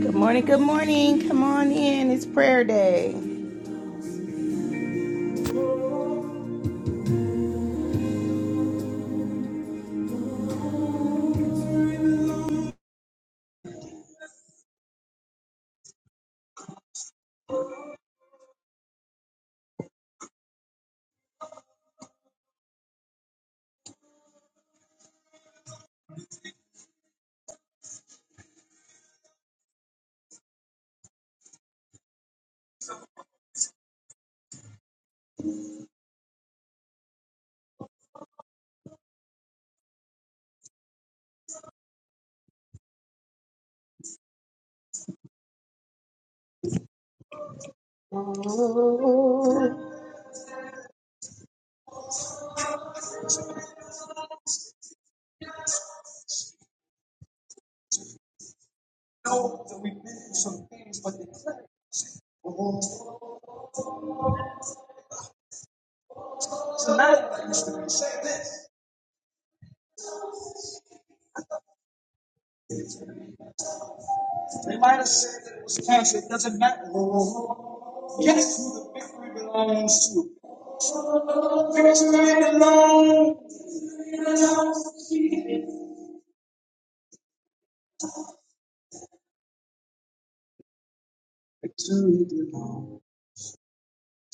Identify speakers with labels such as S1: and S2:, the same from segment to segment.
S1: Good morning, good morning. Come on in. It's prayer day. Oh. Know that we've been through some things, but it's a matter that used to be. Say this. They might have said that it was cancer. It doesn't matter. Guess who the victory belongs to? Victory belongs to you. Victory belongs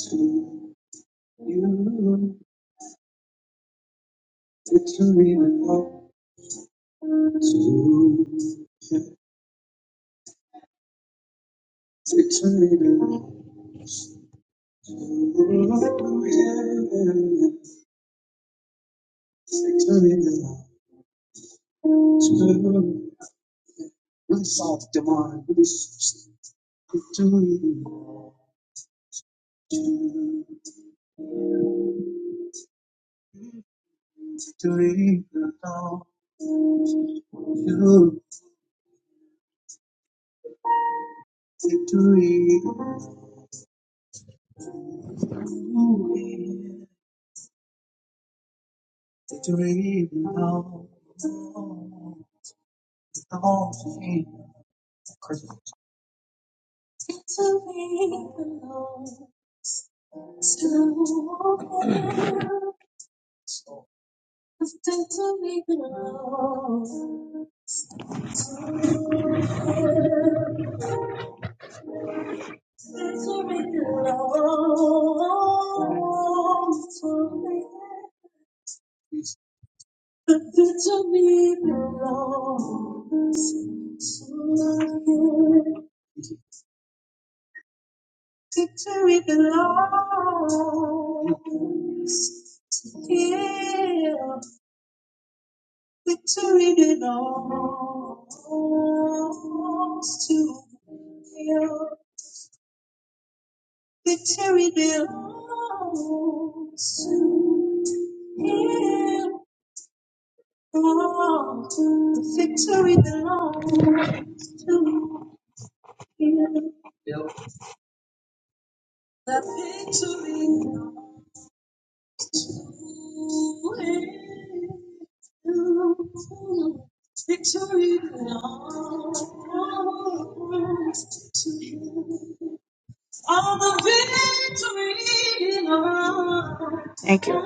S1: to you. Victory belongs to you. Victory belongs Myself demand this victory, victory, you, victory, victory, now, all things Christ. Victory belongs, victory belongs to me. The victory belongs to Him. Victory belongs to Him. Victory belongs to Him. Victory belongs to Him. Oh, the victory belongs to Him. The victory belongs to you. Victory belongs to you. All the victory belongs. Thank you.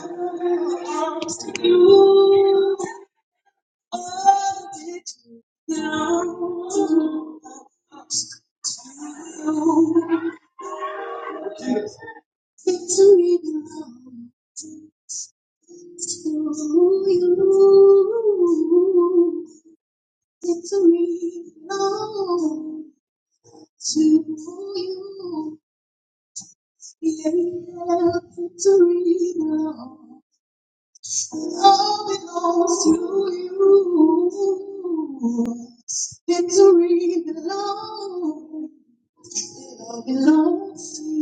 S1: belongs to you. All the victory belongs to you. Victory belongs. you, victory belongs to you. Yeah, victory belongs. All belongs to you. Victory belongs. All belongs to you.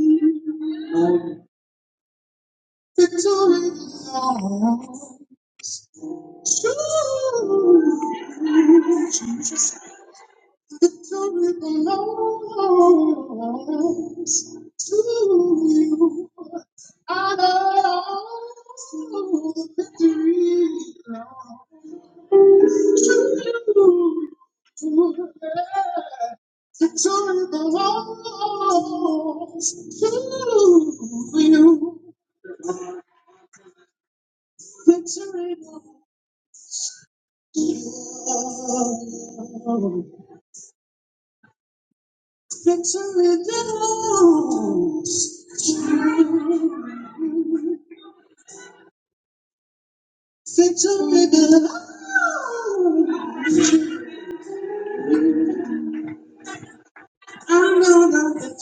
S1: Victory belongs to you. Victory belongs to you. I know the victory belongs to you. Victory belongs to you. Victory belongs. Victory belongs. Victory belongs. Good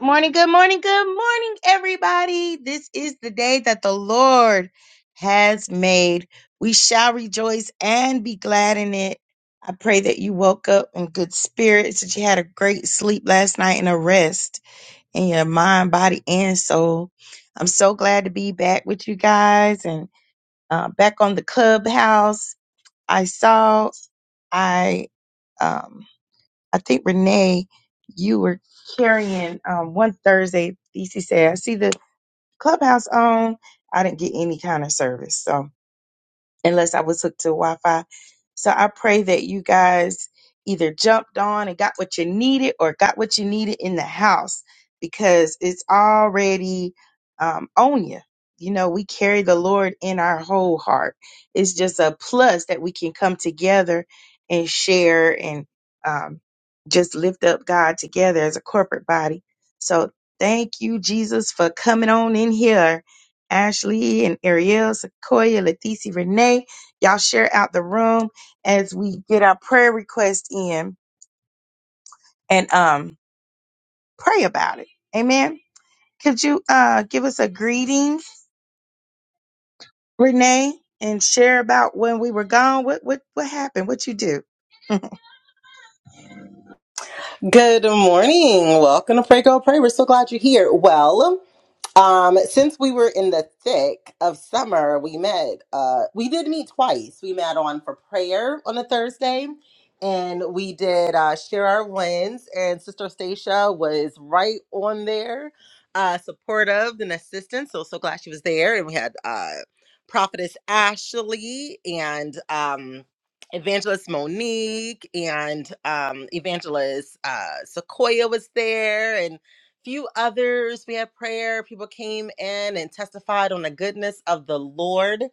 S1: morning, good morning, good morning, everybody. This is the day that the Lord has made. We shall rejoice and be glad in it. I pray that you woke up in good spirits, that you had a great sleep last night and a rest in your mind, body, and soul. I'm so glad to be back with you guys and uh, back on the clubhouse. I saw I. Um, I think Renee, you were carrying um, one Thursday. DC said, "I see the clubhouse on. I didn't get any kind of service, so unless I was hooked to Wi Fi. So I pray that you guys either jumped on and got what you needed or got what you needed in the house because it's already um, on you. You know, we carry the Lord in our whole heart. It's just a plus that we can come together and share and um, just lift up God together as a corporate body. So thank you, Jesus, for coming on in here Ashley and Ariel, Sequoia, Leticia, Renee. Y'all share out the room as we get our prayer request in and um pray about it. Amen. Could you uh give us a greeting, Renee, and share about when we were gone? What what what happened? What you do?
S2: Good morning. Welcome to Pray Go Pray. We're so glad you're here. Well, um, since we were in the thick of summer, we met. Uh, we did meet twice. We met on for prayer on a Thursday, and we did uh, share our wins. And Sister Stacia was right on there, uh, supportive and assistant. So so glad she was there. And we had uh, Prophetess Ashley and. Um, Evangelist Monique and um, Evangelist uh, Sequoia was there, and few others. We had prayer. People came in and testified on the goodness of the Lord,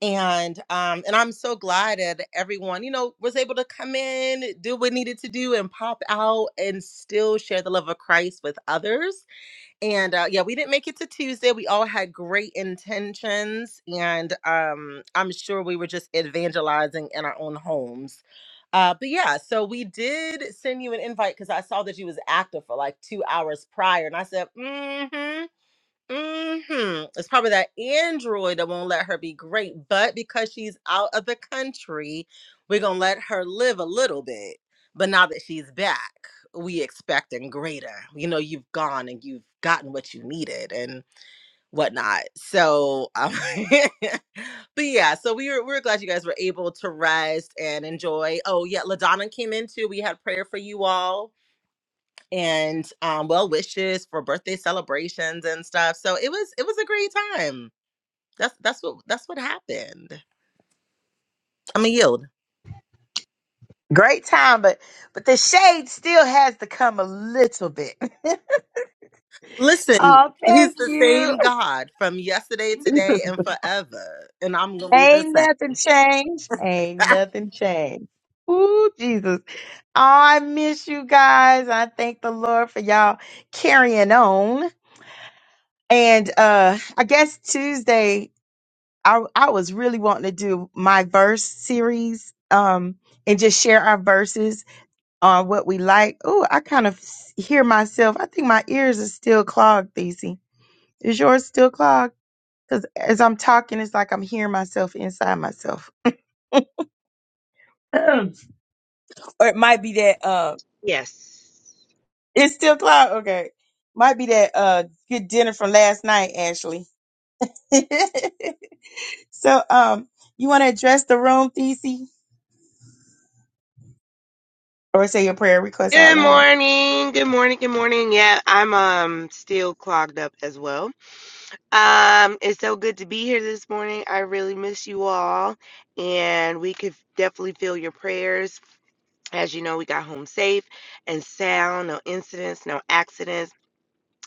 S2: and um, and I'm so glad that everyone, you know, was able to come in, do what needed to do, and pop out, and still share the love of Christ with others and uh, yeah we didn't make it to tuesday we all had great intentions and um i'm sure we were just evangelizing in our own homes uh but yeah so we did send you an invite because i saw that you was active for like two hours prior and i said mm-hmm hmm It's probably that Android that won't let her be great, but because she's out of the country, we're gonna let her live a little bit. But now that she's back, we expecting greater. You know, you've gone and you've gotten what you needed and whatnot. So, um, but yeah, so we were we were glad you guys were able to rest and enjoy. Oh yeah, Ladonna came in too. We had prayer for you all and um, well wishes for birthday celebrations and stuff. So it was it was a great time. That's that's what that's what happened. I'm a yield.
S1: Great time, but but the shade still has to come a little bit.
S2: Listen,
S1: oh,
S2: he's
S1: thank
S2: the
S1: you.
S2: same God from yesterday, today,
S1: Jesus.
S2: and forever, and I'm gonna be the
S1: Ain't
S2: same.
S1: nothing changed. Ain't nothing changed. Ooh, Jesus. Oh, I miss you guys. I thank the Lord for y'all carrying on. And uh I guess Tuesday I I was really wanting to do my verse series um and just share our verses on what we like. Oh, I kind of s- hear myself. I think my ears are still clogged, Thesey. Is yours still clogged? Because as I'm talking, it's like I'm hearing myself inside myself. or it might be that
S3: Yes.
S1: It's still cloud. Okay. Might be that uh good dinner from last night, Ashley. so um you want to address the room, Thesey? Or say your prayer request out
S3: Good
S1: loud.
S3: morning. Good morning. Good morning. Yeah, I'm um still clogged up as well. Um, it's so good to be here this morning. I really miss you all, and we could definitely feel your prayers. As you know, we got home safe and sound. No incidents. No accidents.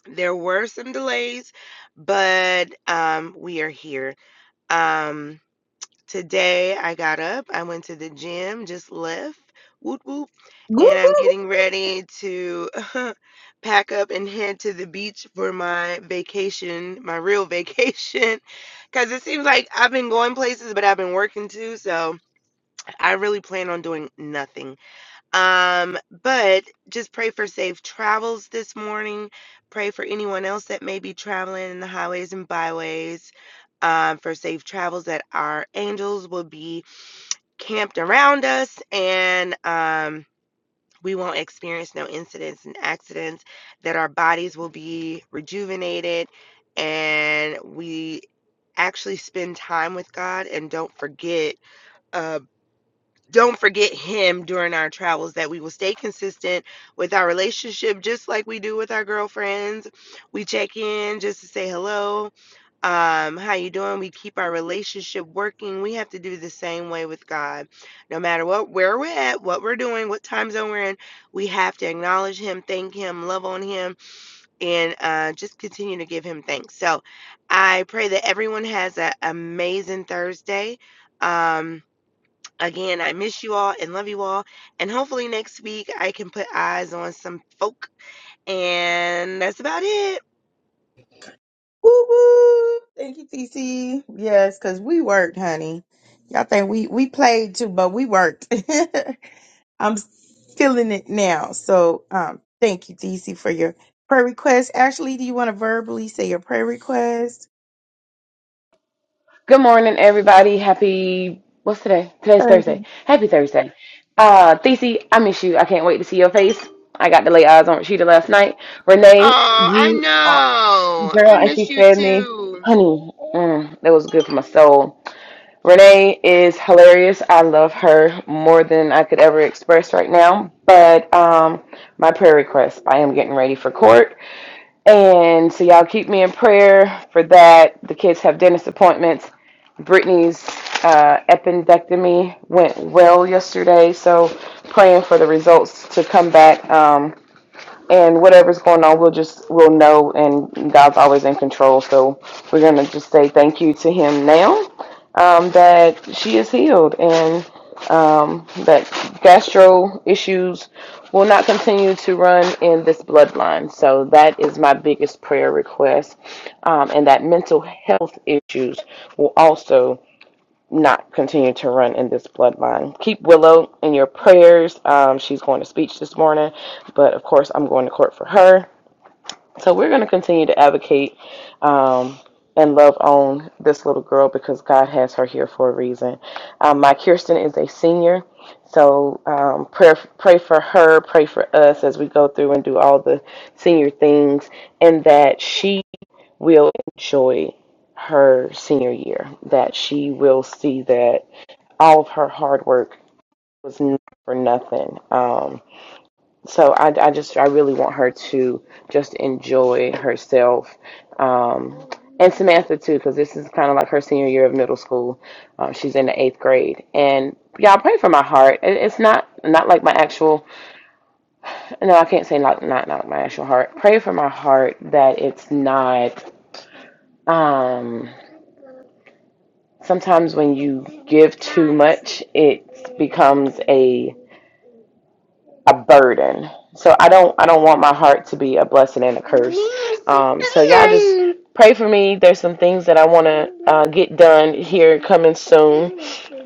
S3: There were some delays, but um, we are here. Um, Today I got up, I went to the gym, just left, whoop whoop, and I'm getting ready to pack up and head to the beach for my vacation, my real vacation. Because it seems like I've been going places, but I've been working too, so I really plan on doing nothing. Um, but just pray for safe travels this morning. Pray for anyone else that may be traveling in the highways and byways um, for safe travels that our angels will be camped around us and um, we won't experience no incidents and accidents that our bodies will be rejuvenated and we actually spend time with god and don't forget uh, don't forget him during our travels that we will stay consistent with our relationship just like we do with our girlfriends we check in just to say hello um how you doing we keep our relationship working we have to do the same way with god no matter what where we're at what we're doing what time zone we're in we have to acknowledge him thank him love on him and uh just continue to give him thanks so i pray that everyone has an amazing thursday um Again, I miss you all and love you all. And hopefully next week I can put eyes on some folk. And that's about it.
S1: Woo woo. Thank you, TC. Yes, because we worked, honey. Y'all think we we played too, but we worked. I'm feeling it now. So um thank you, TC, for your prayer request. Ashley, do you want to verbally say your prayer request?
S4: Good morning, everybody. Happy, what's today? Today's
S1: Okay.
S4: Thursday. Happy Thursday. Uh, Thesey, I miss you. I can't wait to see your face. I got to lay eyes on Rashida last night. Renee,
S3: Oh, I
S4: you, uh,
S3: know.
S4: girl,
S3: I
S4: and
S3: miss
S4: she
S3: you
S4: fed me.
S3: too.
S4: Honey, mm, that was good for my soul. Renee is hilarious. I love her more than I could ever express right now. But um, my prayer request, I am getting ready for court. And so y'all keep me in prayer for that. The kids have dentist appointments. Brittany's uh, appendectomy went well yesterday, so praying for the results to come back. Um, and whatever's going on, we'll just we'll know. And God's always in control, so we're gonna just say thank you to Him now um, that she is healed and um, that gastro issues will not continue to run in this bloodline. So that is my biggest prayer request, um, and that mental health issues will also not continue to run in this bloodline. Keep Willow in your prayers. Um, she's going to speech this morning, but of course, I'm going to court for her. So we're going to continue to advocate um, and love on this little girl because God has her here for a reason. Um, my Kirsten is a senior, so um, pray pray for her, pray for us as we go through and do all the senior things, and that she will enjoy her senior year. That she will see that all of her hard work was n- for nothing. Um, so I, I just, I really want her to just enjoy herself. Um, and Samantha too, because this is kind of like her senior year of middle school. Um, she's in the eighth grade, and y'all pray for my heart. It, it's not not like my actual. No, I can't say not not not my actual heart. Pray for my heart that it's not. Um, sometimes when you give too much, it becomes a a burden. So I don't I don't want my heart to be a blessing and a curse. Um, so y'all just pray for me. There's some things that I want to uh, get done here coming soon,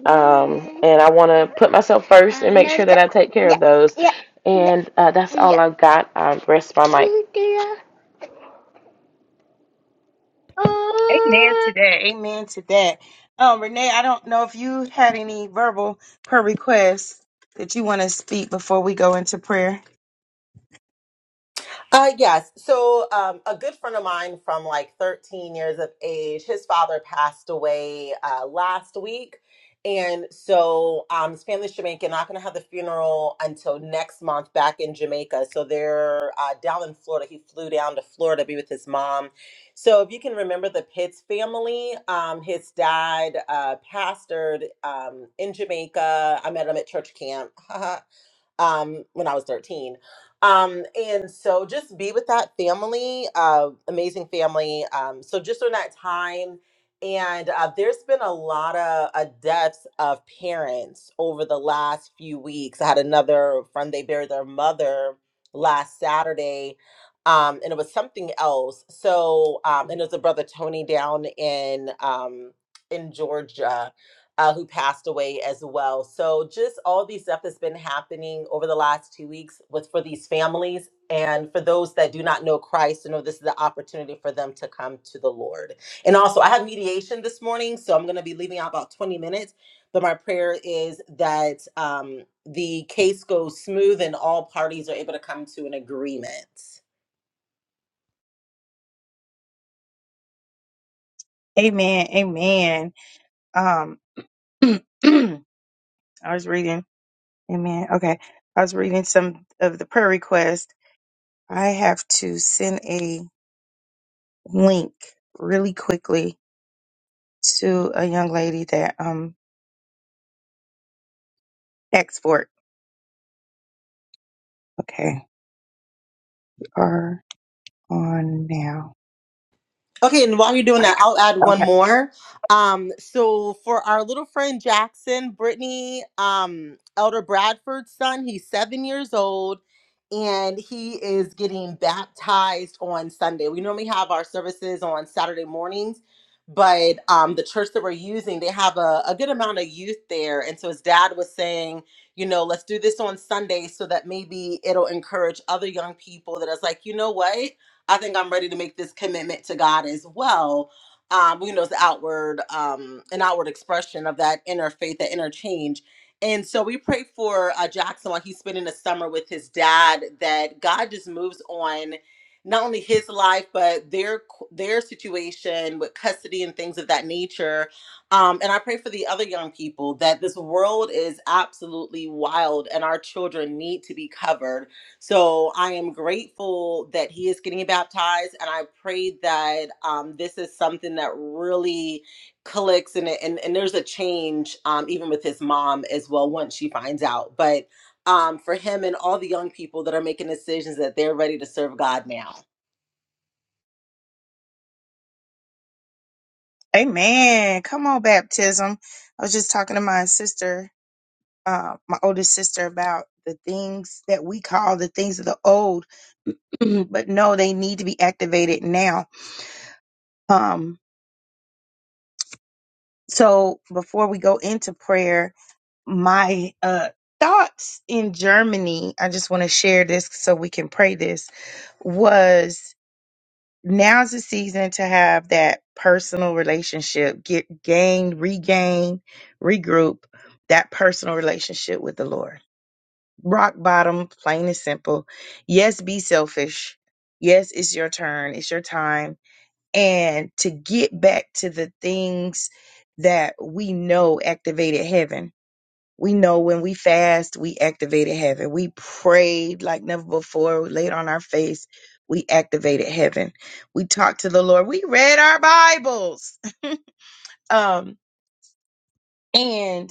S4: um, and I want to put myself first and make sure that I take care of those. And uh, that's all I've got. I rest my mic.
S1: Amen to that. Amen to that. Um, Renee, I don't know if you had any verbal prayer requests that you want to speak before we go into prayer.
S2: Uh, yes. So, um, a good friend of mine from like 13 years of age, his father passed away uh, last week. And so, um, his family's Jamaican, not going to have the funeral until next month back in Jamaica. So, they're uh, down in Florida. He flew down to Florida to be with his mom. So, if you can remember the Pitts family, um, his dad uh, pastored um, in Jamaica. I met him at church camp. um, when I was 13. Um, and so just be with that family, uh, amazing family. Um, so just during that time, and uh, there's been a lot of uh, deaths of parents over the last few weeks. I had another friend, they buried their mother last Saturday. Um, and it was something else. So, um, and it was a brother Tony down in um, in Georgia uh, who passed away as well. So just all the stuff that's been happening over the last two weeks with for these families and for those that do not know Christ, to know this is the opportunity for them to come to the Lord. And also, I have mediation this morning, so I'm going to be leaving out about 20 minutes. But my prayer is that um, the case goes smooth and all parties are able to come to an agreement.
S1: Amen. Amen. Um I was reading. Amen. Okay. I was reading some of the prayer requests. I have to send a link really quickly to a young lady that um export. Okay. we Are on now.
S2: Okay, and while you're doing that, I'll add one
S1: Okay.
S2: more. Um, so for our little friend Jackson, Brittany, um, Elder Bradford's son, he's seven years old, and he is getting baptized on Sunday. We normally have our services on Saturday mornings, but um, the church that we're using, they have a, a good amount of youth there, and so his dad was saying, you know, let's do this on Sunday so that maybe it'll encourage other young people that is like, you know what? I think I'm ready to make this commitment to God as well. Um, you know, it's the outward, um, an outward expression of that inner faith, that inner change. And so we pray for uh, Jackson while he's spending the summer with his dad. That God just moves on, not only his life but their their situation with custody and things of that nature. Um, and I pray for the other young people that this world is absolutely wild, and our children need to be covered so I am grateful that he is getting baptized, and I pray that um, this is something that really clicks, and and, and there's a change um, even with his mom as well once she finds out. But um, for him and all the young people that are making decisions that they're ready to serve God now.
S1: Amen. Come on, baptism. I was just talking to my sister, uh, my oldest sister about the things that we call the things of the old, but no, they need to be activated now. Um, so before we go into prayer, my uh thoughts in Germany, I just want to share this so we can pray this was now's the season to have that personal relationship, get gain, regain, regroup that personal relationship with the Lord. Rock bottom, plain and simple. Yes, be selfish. Yes, it's your turn, it's your time. And to get back to the things that we know activated heaven we know when we fast, we activated heaven. We prayed like never before, we laid on our face, we activated heaven. We talked to the Lord. We read our Bibles. Um, and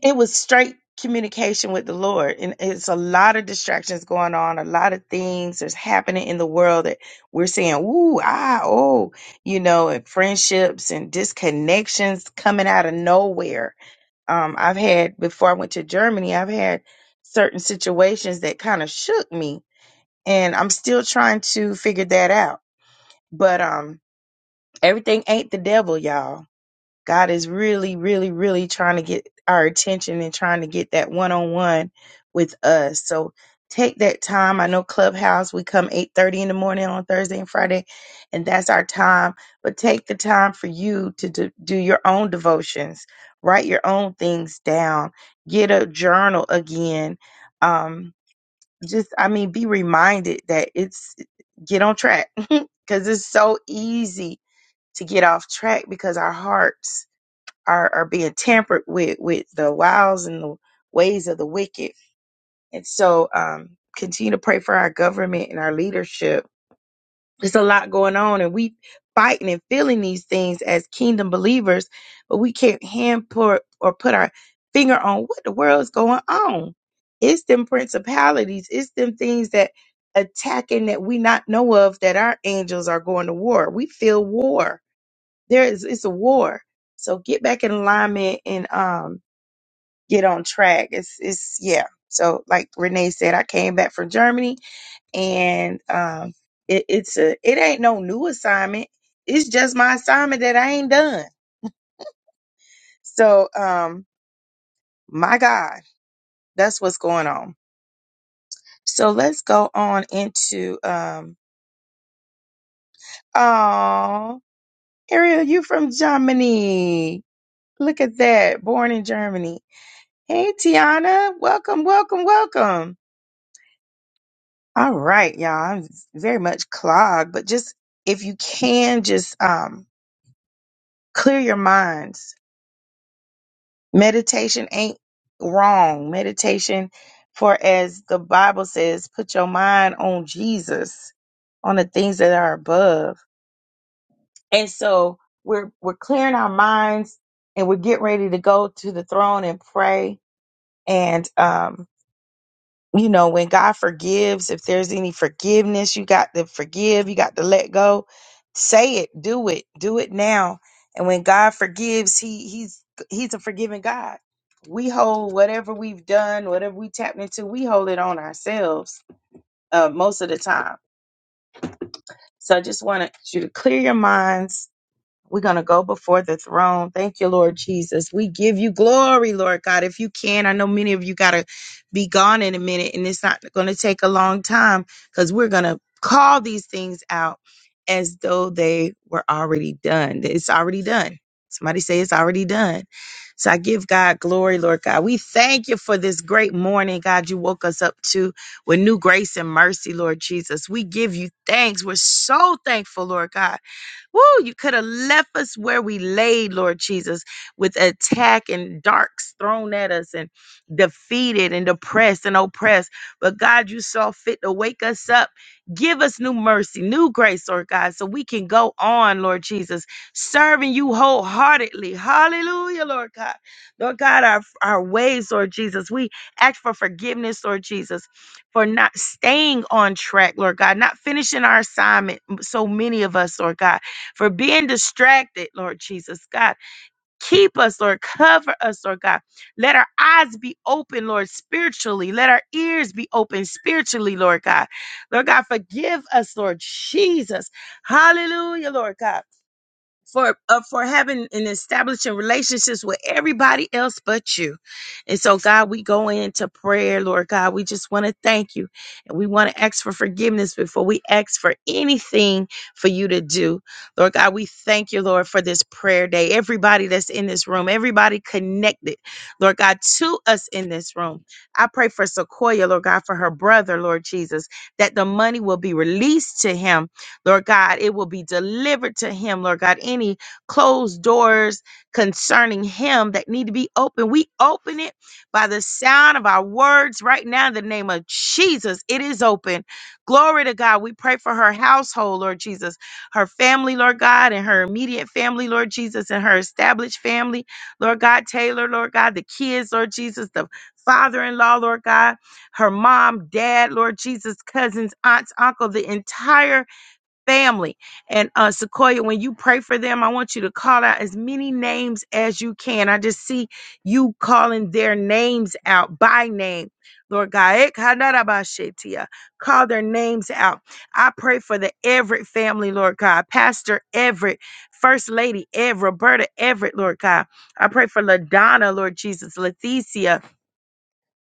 S1: it was straight communication with the Lord. And it's a lot of distractions going on, a lot of things that's happening in the world that we're saying, ooh, ah, oh, you know, and friendships and disconnections coming out of nowhere um, I've had before I went to Germany, I've had certain situations that kind of shook me, and I'm still trying to figure that out. But um, everything ain't the devil, y'all God is really, really, really trying to get our attention and trying to get that one on one with us. So take that time. I know Clubhouse, we come 8:30 in the morning on Thursday and Friday, and that's our time. But take the time for you to do, do your own devotions, write your own things down, get a journal again. Um, just I mean, be reminded that it's get on track because it's so easy to get off track because our hearts are, are being tampered with with the wiles and the ways of the wicked. And so um continue to pray for our government and our leadership. There's a lot going on and we fighting and feeling these things as kingdom believers, but we can't hand put or put our finger on what the world's going on. It's them principalities, it's them things that attacking that we not know of that our angels are going to war. We feel war there is it's a war. So get back in alignment and um get on track. It's it's yeah. So like Renee said, I came back from Germany and um it, it's a it ain't no new assignment. It's just my assignment that I ain't done. So um my God, that's what's going on. So let's go on into um oh Ariel, you from Germany. Look at that. Born in Germany. Hey, Tiana. Welcome, welcome, welcome. All right, y'all. I'm very much clogged, but just if you can, just um, clear your minds. Meditation ain't wrong. Meditation, for as the Bible says, put your mind on Jesus, on the things that are above. And so we're we're clearing our minds, and we're getting ready to go to the throne and pray. And um, you know, when God forgives, if there's any forgiveness, you got to forgive, you got to let go. Say it, do it, do it now. And when God forgives, he he's he's a forgiving God. We hold whatever we've done, whatever we tapped into, we hold it on ourselves uh, most of the time. So I just wanted you to clear your minds we're going to go before the throne. Thank you, Lord Jesus. We give you glory, Lord God. If you can, I know many of you got to be gone in a minute, and it's not going to take a long time because we're going to call these things out as though they were already done. It's already done. Somebody say it's already done. So I give God glory, Lord God. We thank you for this great morning, God. You woke us up to with new grace and mercy, Lord Jesus. We give you thanks. We're so thankful, Lord God Woo, you could have left us where we laid, Lord Jesus, with attack and darks thrown at us and defeated and depressed and oppressed. But God, you saw fit to wake us up. Give us new mercy, new grace, Lord God, so we can go on, Lord Jesus, serving you wholeheartedly. Hallelujah, Lord God. Lord God, our, our ways, Lord Jesus. We ask for forgiveness, Lord Jesus for not staying on track, Lord God, not finishing our assignment. So many of us, Lord God for being distracted, Lord Jesus. God, keep us, Lord. Cover us, Lord God. Let our eyes be open, Lord, spiritually. Let our ears be open spiritually, Lord God. Lord God, forgive us, Lord Jesus. Hallelujah, Lord God for uh, for having and establishing relationships with everybody else but you. And so God, we go into prayer, Lord God. We just want to thank you. And we want to ask for forgiveness before we ask for anything for you to do. Lord God, we thank you, Lord, for this prayer day. Everybody that's in this room, everybody connected, Lord God, to us in this room. I pray for Sequoia, Lord God, for her brother, Lord Jesus, that the money will be released to him Lord God, it will be delivered to him, Lord God. Any closed doors concerning him that need to be open, we open it by the sound of our words right now in the name of Jesus. It is open. Glory to God. We pray for her household, Lord Jesus, her family, Lord God, and her immediate family, Lord Jesus, and her established family, Lord God, Taylor, Lord God, the kids, Lord Jesus, the father in law, Lord God, her mom, dad, Lord Jesus, cousins, aunts, uncle, the entire family. And uh, Sequoia, when you pray for them, I want you to call out as many names as you can. I just see you calling their names out by name. Lord God, eh, kadarabashetia. call their names out. I pray for the Everett family, Lord God, Pastor Everett, First Lady Everett, Roberta Everett, Lord God. I pray for LaDonna, Lord Jesus, Leticia,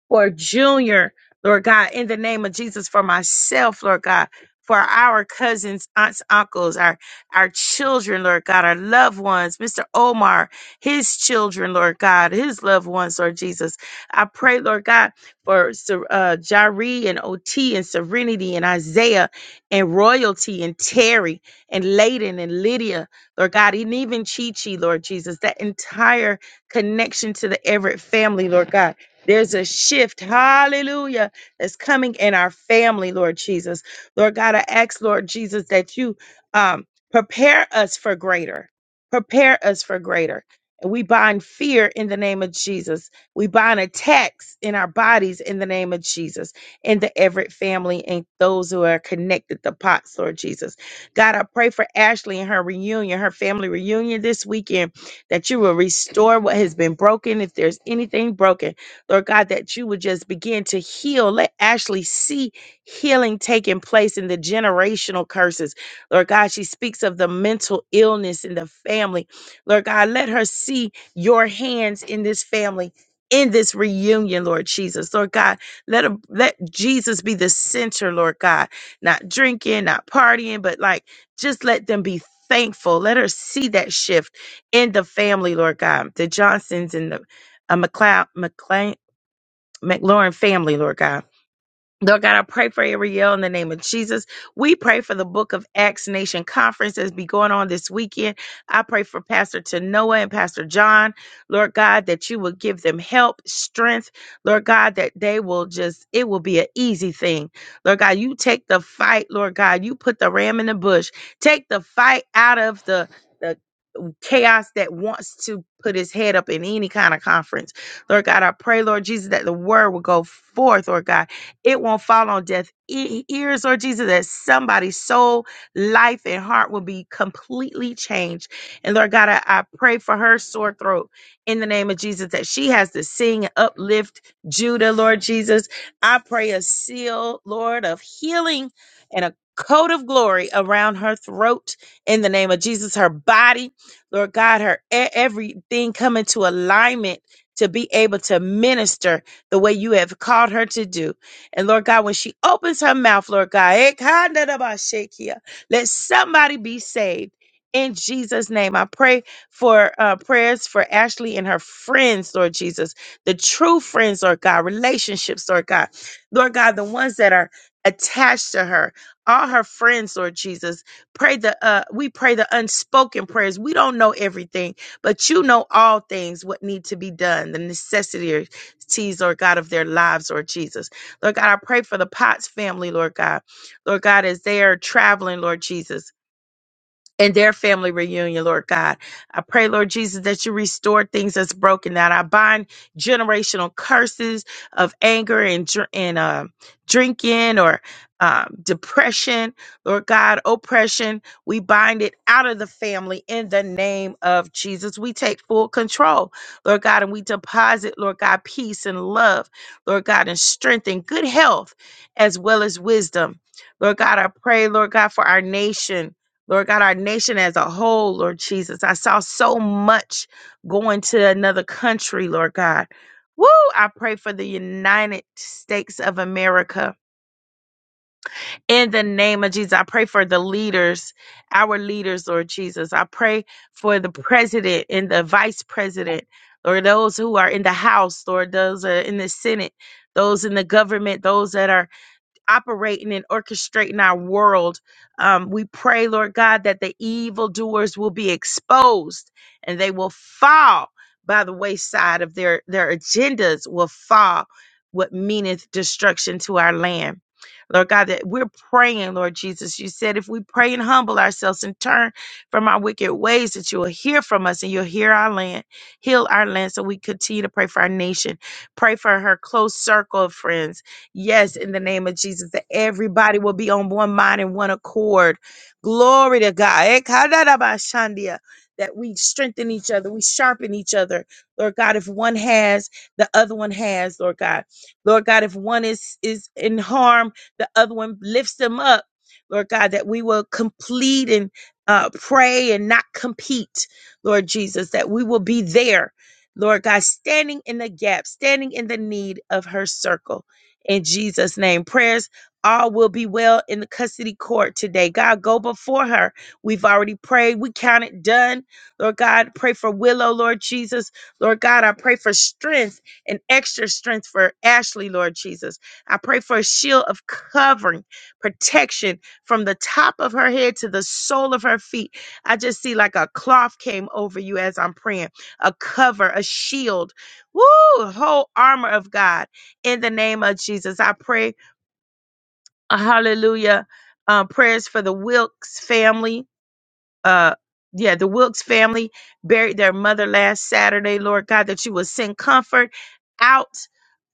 S1: for Junior, Lord God, in the name of Jesus, for myself, Lord God, for our cousins, aunts, uncles, our our children, Lord God, our loved ones, Mr. Omar, his children, Lord God, his loved ones, Lord Jesus. I pray, Lord God, for Ser- uh, Jari and OT and Serenity and Isaiah and Royalty and Terry and Layden and Lydia, Lord God, and even Chi Chi, Lord Jesus, that entire connection to the Everett family, Lord God. There's a shift, hallelujah, that's coming in our family, Lord Jesus. Lord God, I ask, Lord Jesus, that you um, prepare us for greater. Prepare us for greater. And we bind fear in the name of Jesus. We bind attacks in our bodies in the name of Jesus, in the Everett family and those who are connected to POTS, Lord Jesus. God, I pray for Ashley and her reunion, her family reunion this weekend, that you will restore what has been broken. If there's anything broken, Lord God, that you would just begin to heal. Let Ashley see healing taking place in the generational curses. Lord God, she speaks of the mental illness in the family. Lord God, let her see your hands in this family. In this reunion, Lord Jesus, Lord God, let her, let Jesus be the center, Lord God. Not drinking, not partying, but like just let them be thankful. Let her see that shift in the family, Lord God. The Johnsons and the uh, McLeod, McLaurin family, Lord God. Lord God, I pray for Ariel in the name of Jesus. We pray for the Book of Acts Nation Conference that's be going on this weekend. I pray for Pastor Tanoa and Pastor John, Lord God, that you will give them help, strength, Lord God, that they will just, it will be an easy thing. Lord God, you take the fight, Lord God, you put the ram in the bush, take the fight out of the the chaos that wants to put his head up in any kind of conference. Lord God, I pray, Lord Jesus, that the word will go forth, Lord God. It won't fall on deaf e- ears, Lord Jesus, that somebody's soul, life, and heart will be completely changed. And Lord God, I, I pray for her sore throat in the name of Jesus, that she has to sing and uplift Judah, Lord Jesus. I pray a seal, Lord, of healing and a coat of glory around her throat in the name of Jesus, her body. Lord God, her e- everything come into alignment to be able to minister the way you have called her to do. And Lord God, when she opens her mouth, Lord God, eh, kinda da ba shakia, let somebody be saved. In Jesus' name, I pray for uh, prayers for Ashley and her friends, Lord Jesus, the true friends, Lord God, relationships, Lord God, Lord God, the ones that are attached to her, all her friends, Lord Jesus, pray the uh we pray the unspoken prayers we don't know everything but you know all things what need to be done the necessities lord god of their lives lord jesus lord god i pray for the potts family lord god lord god as they are traveling lord jesus and their family reunion, Lord God. I pray, Lord Jesus, that you restore things that's broken, that I bind generational curses of anger and, dr- and um drinking or um, depression, Lord God, oppression. We bind it out of the family in the name of Jesus. We take full control, Lord God, and we deposit, Lord God, peace and love, Lord God, and strength and good health as well as wisdom. Lord God, I pray, Lord God, for our nation. Lord God, our nation as a whole, Lord Jesus. I saw so much going to another country, Lord God. Woo! I pray for the United States of America in the name of Jesus. I pray for the leaders, our leaders, Lord Jesus. I pray for the president and the vice president, Lord, those who are in the House, Lord, those are in the Senate, those in the government, those that are operating and orchestrating our world. Um, we pray, Lord God, that the evildoers will be exposed and they will fall by the wayside of their, their agendas will fall what meaneth destruction to our land. Lord God, that we're praying, Lord Jesus. You said if we pray and humble ourselves and turn from our wicked ways, that you will hear from us and you'll hear our land, heal our land. So we continue to pray for our nation, pray for her close circle of friends, Yes, in the name of Jesus, that everybody will be on one mind and one accord. Glory to God. Eh, kadarabashandia, That we strengthen each other, we sharpen each other. Lord God, if one has, the other one has, Lord God. Lord God, if one is is in harm, the other one lifts them up. Lord God, that we will complete and uh, pray and not compete, Lord Jesus, that we will be there, Lord God, standing in the gap, standing in the need of her circle in Jesus' name. Prayers all will be well in the custody court today. God, go before her. We've already prayed. We count it done. Lord God, pray for Willow, Lord Jesus. Lord God, I pray for strength and extra strength for Ashley, Lord Jesus. I pray for a shield of covering, protection from the top of her head to the sole of her feet. I just see like a cloth came over you as I'm praying, a cover, a shield. Woo! a Whole armor of God in the name of Jesus. I pray, uh, hallelujah, uh, prayers for the Wilkes family. Uh, yeah, the Wilkes family buried their mother last Saturday, Lord God, that you will send comfort out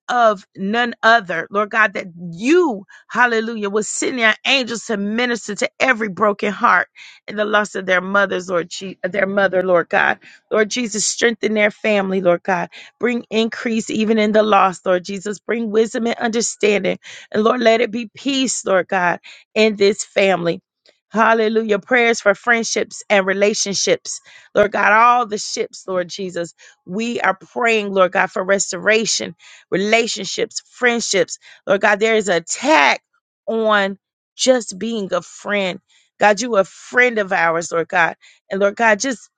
S1: of none other, Lord God, that you, hallelujah, will send your angels to minister to every broken heart and the loss of their mothers, Lord, Je- their mother, Lord God. Lord Jesus, strengthen their family, Lord God. Bring increase even in the loss, Lord Jesus. Bring wisdom and understanding. And Lord, let it be peace, Lord God, in this family. Hallelujah. Prayers for friendships and relationships. Lord God, all the ships, Lord Jesus. We are praying, Lord God, for restoration relationships, friendships. Lord God, there is an attack on just being a friend. God, you a friend of ours, Lord God. And Lord God, just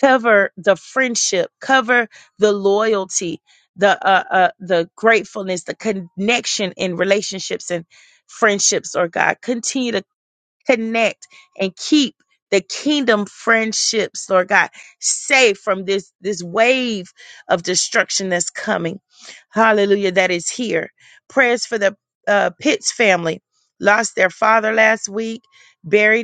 S1: cover the friendship, cover the loyalty, the uh, uh the gratefulness, the connection in relationships and friendships, Lord God. Continue to connect and keep the kingdom friendships, Lord God, safe from this this wave of destruction that's coming. Hallelujah, that is here. Prayers for the uh, Pitts family lost their father last week, buried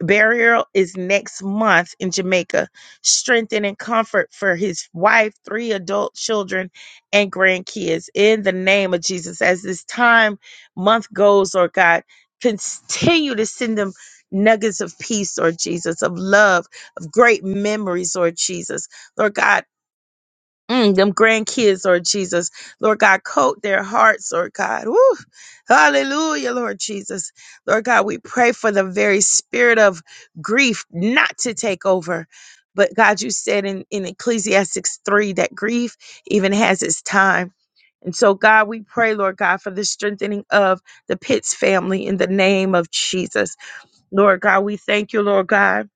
S1: burial is next month in Jamaica. Strengthen and comfort for his wife, three adult children, and grandkids in the name of Jesus. As this time month goes, Lord God, continue to send them nuggets of peace, Lord Jesus, of love, of great memories, Lord Jesus. Lord God, Mm, them grandkids, Lord Jesus. Lord God, coat their hearts, Lord God. Woo. Hallelujah, Lord Jesus. Lord God, we pray for the very spirit of grief not to take over. But God, you said in, in Ecclesiastes 3 that grief even has its time. And so, God, we pray, Lord God, for the strengthening of the Pitts family in the name of Jesus. Lord God, we thank you, Lord God.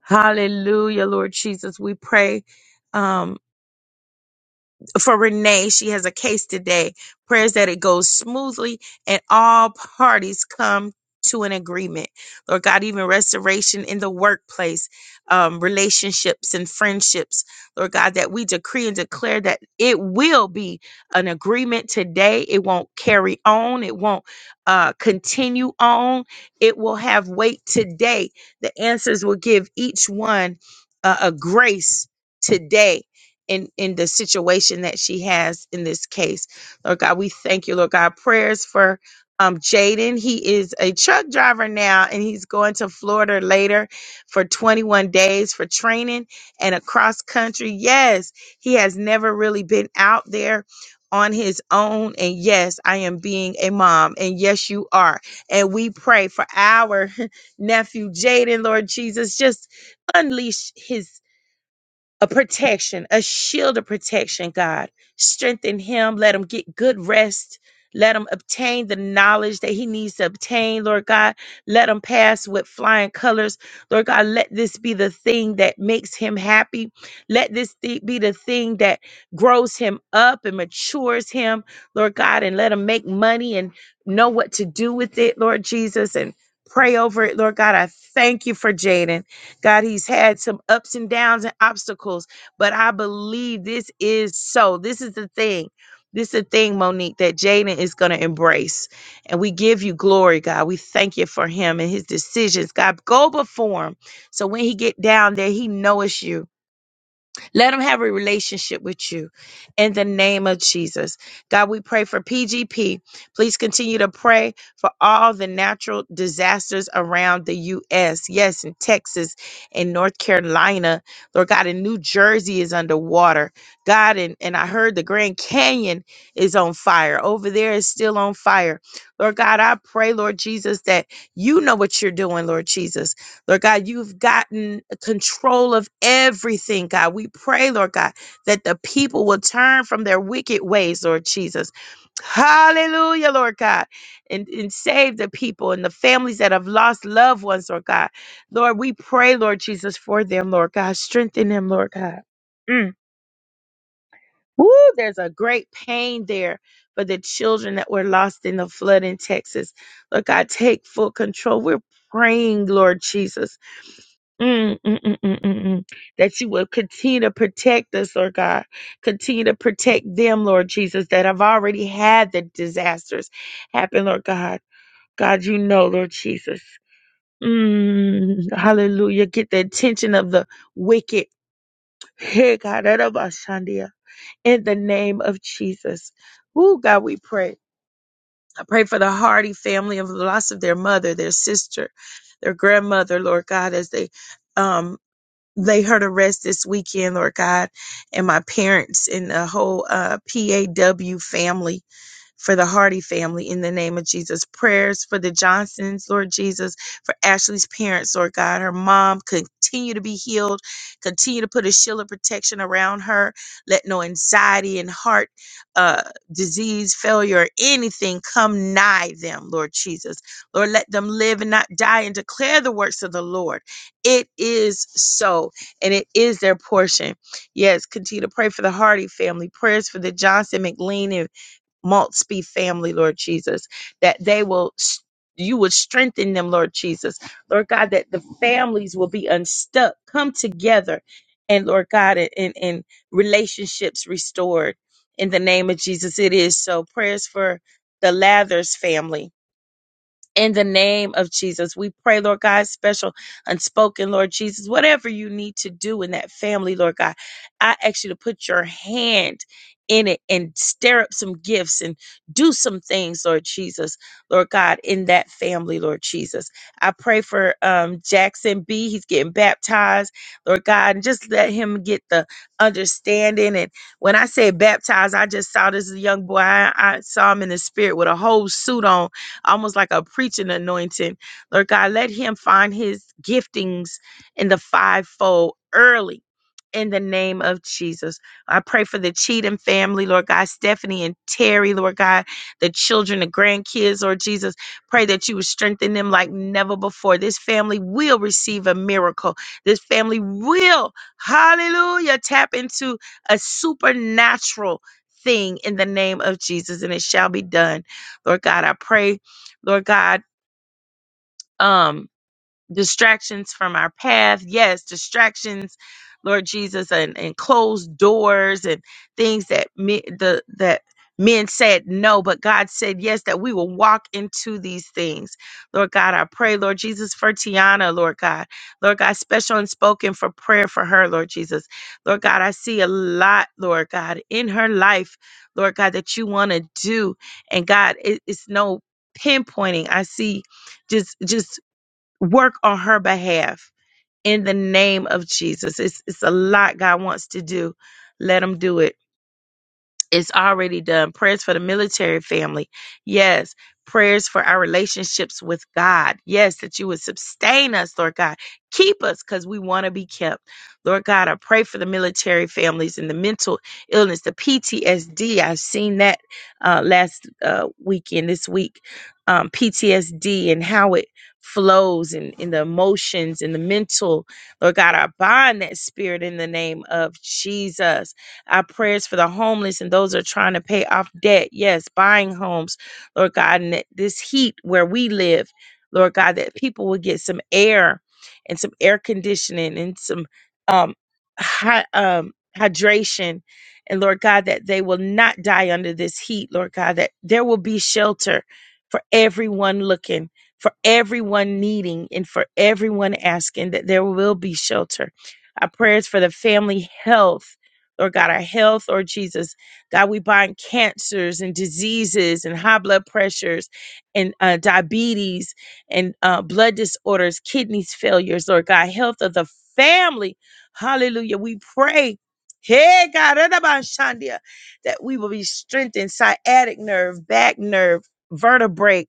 S1: Hallelujah, Lord Jesus. We pray. um, for Renee. She has a case today. Prayers that it goes smoothly and all parties come to an agreement. Lord God, even restoration in the workplace, um, relationships and friendships. Lord God, that we decree and declare that it will be an agreement today. It won't carry on. It won't uh, continue on. It will have weight today. The answers will give each one uh, a grace today in in the situation that she has in this case. Lord God, we thank you, Lord God. Prayers for um Jaden. He is a truck driver now and he's going to Florida later for 21 days for training and across country. Yes, he has never really been out there on his own and yes I am being a mom and yes you are and we pray for our nephew Jaden Lord Jesus just unleash his a protection, a shield of protection, God. Strengthen him. Let him get good rest. Let him obtain the knowledge that he needs to obtain, Lord God. Let him pass with flying colors. Lord God, let this be the thing that makes him happy. Let this thi- be the thing that grows him up and matures him, Lord God, and let him make money and know what to do with it, Lord Jesus, and pray over it, Lord God. I thank you for Jaden. God, he's had some ups and downs and obstacles, but I believe this is so. This is the thing. This is the thing, Monique, that Jaden is going to embrace. And we give you glory, God. We thank you for him and his decisions. God, go before him. So when he get down there, he know it's you. Let them have a relationship with you in the name of Jesus. God, we pray for PGP. Please continue to pray for all the natural disasters around the U.S. Yes, in Texas and North Carolina. Lord God, in New Jersey is underwater. God, and, and I heard the Grand Canyon is on fire. Over there is still on fire. Lord God, I pray, Lord Jesus, that you know what you're doing, Lord Jesus. Lord God, you've gotten control of everything, God. We pray, Lord God, that the people will turn from their wicked ways, Lord Jesus. Hallelujah, Lord God, and, and save the people and the families that have lost loved ones, Lord God. Lord, we pray, Lord Jesus, for them, Lord God. Strengthen them, Lord God. Mm. Woo, there's a great pain there for the children that were lost in the flood in Texas. Lord God, take full control. We're praying, Lord Jesus. Mm, mm, mm, mm, mm, mm. That you will continue to protect us, Lord God. Continue to protect them, Lord Jesus, that have already had the disasters happen, Lord God. God, you know, Lord Jesus. Mm, hallelujah. Get the attention of the wicked. Hey, God, out of our Shandia. in the name of Jesus. Ooh, God, we pray. I pray for the Hardy family of the loss of their mother, their sister, their grandmother, Lord God, as they um they heard arrest this weekend, Lord God, and my parents and the whole uh, PAW family for the Hardy family in the name of Jesus. Prayers for the Johnsons, Lord Jesus, for Ashley's parents, Lord God. Her mom continue to be healed, continue to put a shield of protection around her. Let no anxiety and heart uh, disease, failure, or anything come nigh them, Lord Jesus. Lord, let them live and not die and declare the works of the Lord. It is so, and it is their portion. Yes, continue to pray for the Hardy family, prayers for the Johnson, McLean, and Maltsby family, Lord Jesus, that they will, s- you would strengthen them, Lord Jesus. Lord God, that the families will be unstuck, come together, and Lord God, and, and relationships restored. In the name of Jesus, it is so. Prayers for the Lathers family in the name of Jesus. We pray, Lord God, special unspoken, Lord Jesus, whatever you need to do in that family, Lord God, I ask you to put your hand in it and stir up some gifts and do some things, Lord Jesus, Lord God, in that family, Lord Jesus. I pray for um, Jackson B. He's getting baptized, Lord God, and just let him get the understanding. And when I say baptized, I just saw this young boy. I, I saw him in the spirit with a whole suit on almost like a preaching anointing. Lord God, let him find his giftings in the fivefold early. In the name of Jesus, I pray for the Cheatham family, Lord God, Stephanie and Terry, Lord God, the children, the grandkids, Lord Jesus. Pray that you would strengthen them like never before. This family will receive a miracle. This family will, hallelujah, tap into a supernatural thing in the name of Jesus, and it shall be done. Lord God, I pray Lord God. Um, distractions from our path. Yes, distractions, Lord Jesus, and, and closed doors and things that me, the that men said no, but God said yes, that we will walk into these things. Lord God, I pray, Lord Jesus, for Tiana, Lord God. Lord God, special and spoken for prayer for her, Lord Jesus. Lord God, I see a lot, Lord God, in her life, Lord God, that you want to do. And God, it, it's no pinpointing. I see just just work on her behalf in the name of Jesus. It's it's a lot God wants to do. Let him do it. It's already done. Prayers for the military family. Yes. Prayers for our relationships with God. Yes, that you would sustain us, Lord God. Keep us because we want to be kept. Lord God, I pray for the military families and the mental illness, the PTSD. I've seen that uh, last uh, weekend, this week, um, PTSD and how it flows and in the emotions and the mental. Lord God, I bind that spirit in the name of Jesus. Our prayers for the homeless and those that are trying to pay off debt. Yes, buying homes, Lord God, and that this heat where we live, Lord God, that people will get some air and some air conditioning and some um, hy- um, hydration. And Lord God, that they will not die under this heat, Lord God, that there will be shelter for everyone looking, for everyone needing, and for everyone asking that there will be shelter. Our prayers for the family health Lord God, our health, Lord Jesus. God, we bind cancers and diseases and high blood pressures and uh, diabetes and uh, blood disorders, kidneys failures, Lord God, health of the family. Hallelujah. We pray. Hey, God, that we will be strengthened, sciatic nerve, back nerve, vertebrae,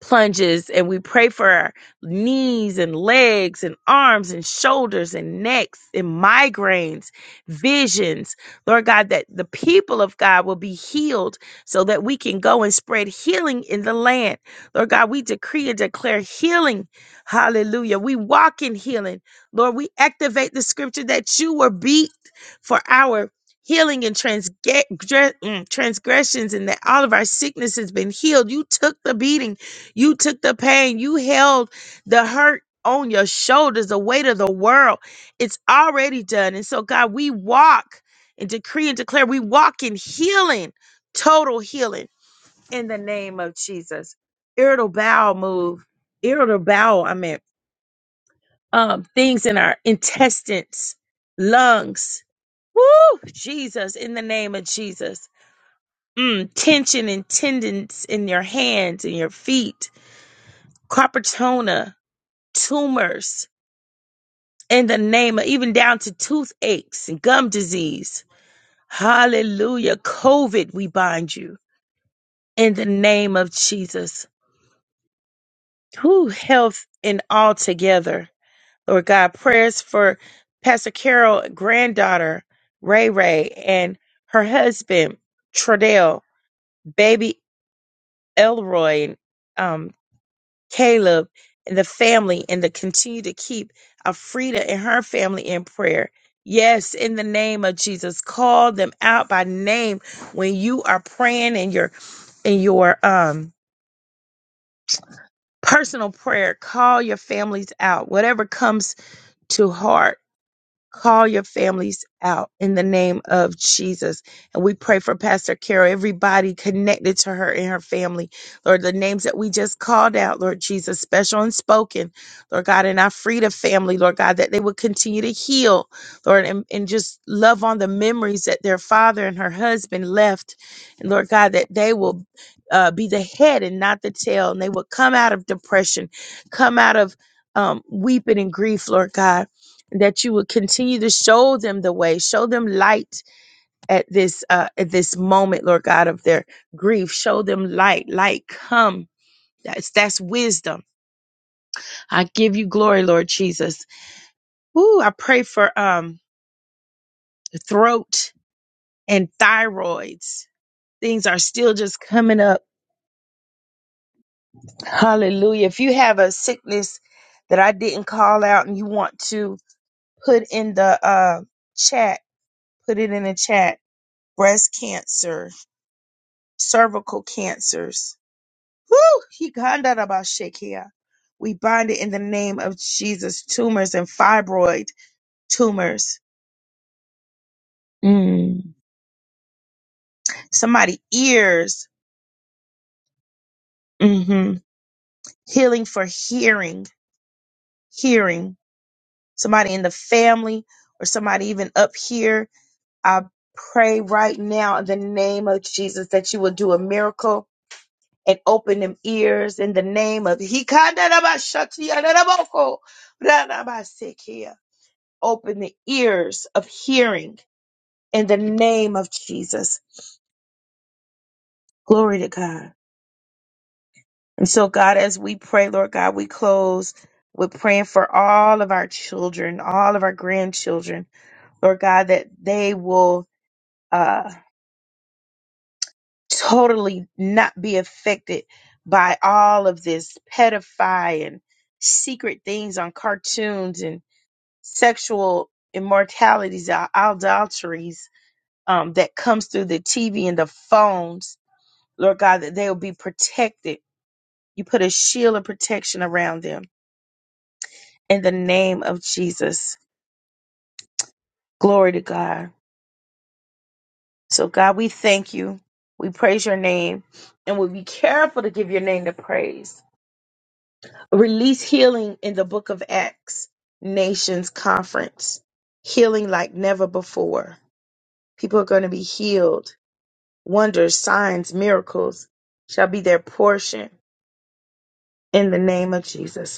S1: plunges and we pray for our knees and legs and arms and shoulders and necks and migraines, visions. Lord God, that the people of God will be healed so that we can go and spread healing in the land. Lord God, we decree and declare healing. Hallelujah. We walk in healing. Lord, we activate the scripture that you were beat for our healing and transge- dre- mm, transgressions and that all of our sickness has been healed. You took the beating you took the pain. You held the hurt on your shoulders, the weight of the world. It's already done. And so, God, we walk and decree and declare we walk in healing, total healing in the name of Jesus. Irritable bowel move, irritable bowel, I mean, um, things in our intestines, lungs. Woo! Jesus, in the name of Jesus. Mm, tension and tendons in your hands and your feet. Carpetona tumors in the name of even down to toothaches and gum disease. Hallelujah. COVID, we bind you in the name of Jesus. Who health and all together. Lord God, prayers for Pastor Carol, granddaughter, Ray Ray, and her husband, Tradell, baby Elroy, and Um. Caleb and the family and to continue to keep Afrida and her family in prayer. Yes, in the name of Jesus, call them out by name when you are praying in your in your um personal prayer. Call your families out, whatever comes to heart Call your families out in the name of Jesus. And we pray for Pastor Carol, everybody connected to her and her family. Lord, the names that we just called out, Lord Jesus, special and spoken, Lord God, and our Frida family, Lord God, that they would continue to heal, Lord, and, and just love on the memories that their father and her husband left. And Lord God, that they will uh, be the head and not the tail. And they will come out of depression, come out of um, weeping and grief, Lord God that you would continue to show them the way show them light at this uh at this moment lord god of their grief show them light light come that's that's wisdom i give you glory lord jesus Ooh, i pray for um throat and thyroids things are still just coming up hallelujah if you have a sickness that i didn't call out and you want to put in the uh chat put it in the chat breast cancer cervical cancers. Woo! He kinda about shake We bind it in the name of Jesus. Tumors and fibroid tumors. Mm. Somebody ears. hmm Healing for hearing. Hearing. Somebody in the family or somebody even up here. I pray right now in the name of Jesus that you will do a miracle and open them ears in the name of He kinda about shut here. open the ears of hearing in the name of Jesus. Glory to God. And so, God, as we pray, Lord God, we close with praying for all of our children, all of our grandchildren, Lord God, that they will uh, totally not be affected by all of this pedophilia and secret things on cartoons and sexual immortalities, adulteries um, that comes through the TV and the phones Lord God, that they will be protected. You put a shield of protection around them in the name of Jesus. Glory to God. So, God, we thank you. We praise your name and we'll be careful to give your name the praise. Release healing in the book of Acts, Nations Conference. Healing like never before. People are going to be healed. Wonders, signs, miracles shall be their portion in the name of Jesus.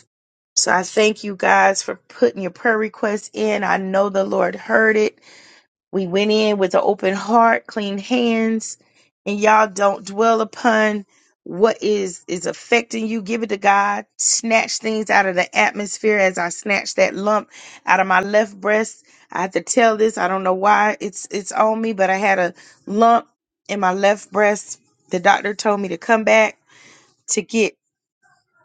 S1: So I thank you guys for putting your prayer requests in. I know the Lord heard it. We went in with an open heart, clean hands, and y'all don't dwell upon what is is affecting you. Give it to God. Snatch things out of the atmosphere as I snatch that lump out of my left breast. I have to tell this. I don't know why it's it's on me, but I had a lump in my left breast. The doctor told me to come back to get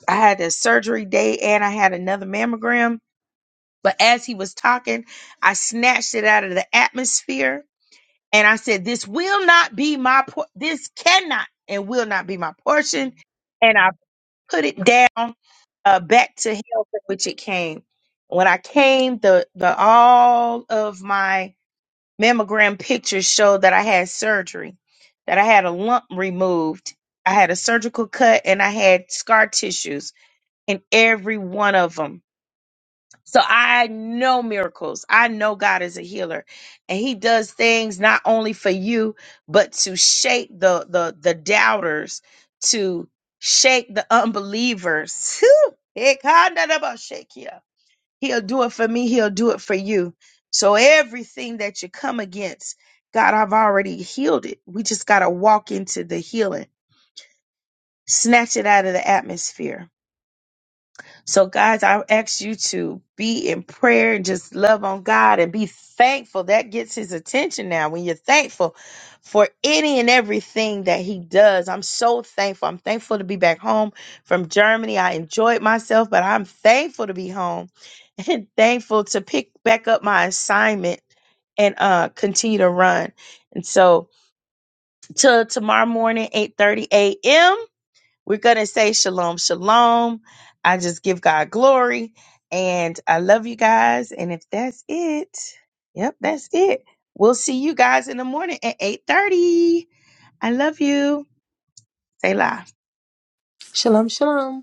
S1: I had a surgery day and I had another mammogram but as he was talking, I snatched it out of the atmosphere and I said, This will not be my, por- this cannot and will not be my portion. And I put it down uh, back to hell from which it came. When I came, the, the all of my mammogram pictures showed that I had surgery, that I had a lump removed. I had a surgical cut and I had scar tissues in every one of them so I know miracles. I know God is a healer and he does things not only for you but to shake the the the doubters, to shake the unbelievers. Whew! Ikandadabashakia. He'll do it for me, he'll do it for you. So everything that you come against, God, I've already healed it. We just got to walk into the healing. Snatch it out of the atmosphere so, guys, I ask you to be in prayer and just love on God and be thankful. That gets his attention now when you're thankful for any and everything that he does. I'm so thankful. I'm thankful to be back home from Germany. I enjoyed myself, but I'm thankful to be home and thankful to pick back up my assignment and uh continue to run. And so till tomorrow morning, 8:30 a.m. We're going to say shalom, shalom. I just give God glory. And I love you guys. And if that's it, yep, that's it. We'll see you guys in the morning at 8.30. I love you. Say la.
S2: Shalom, shalom.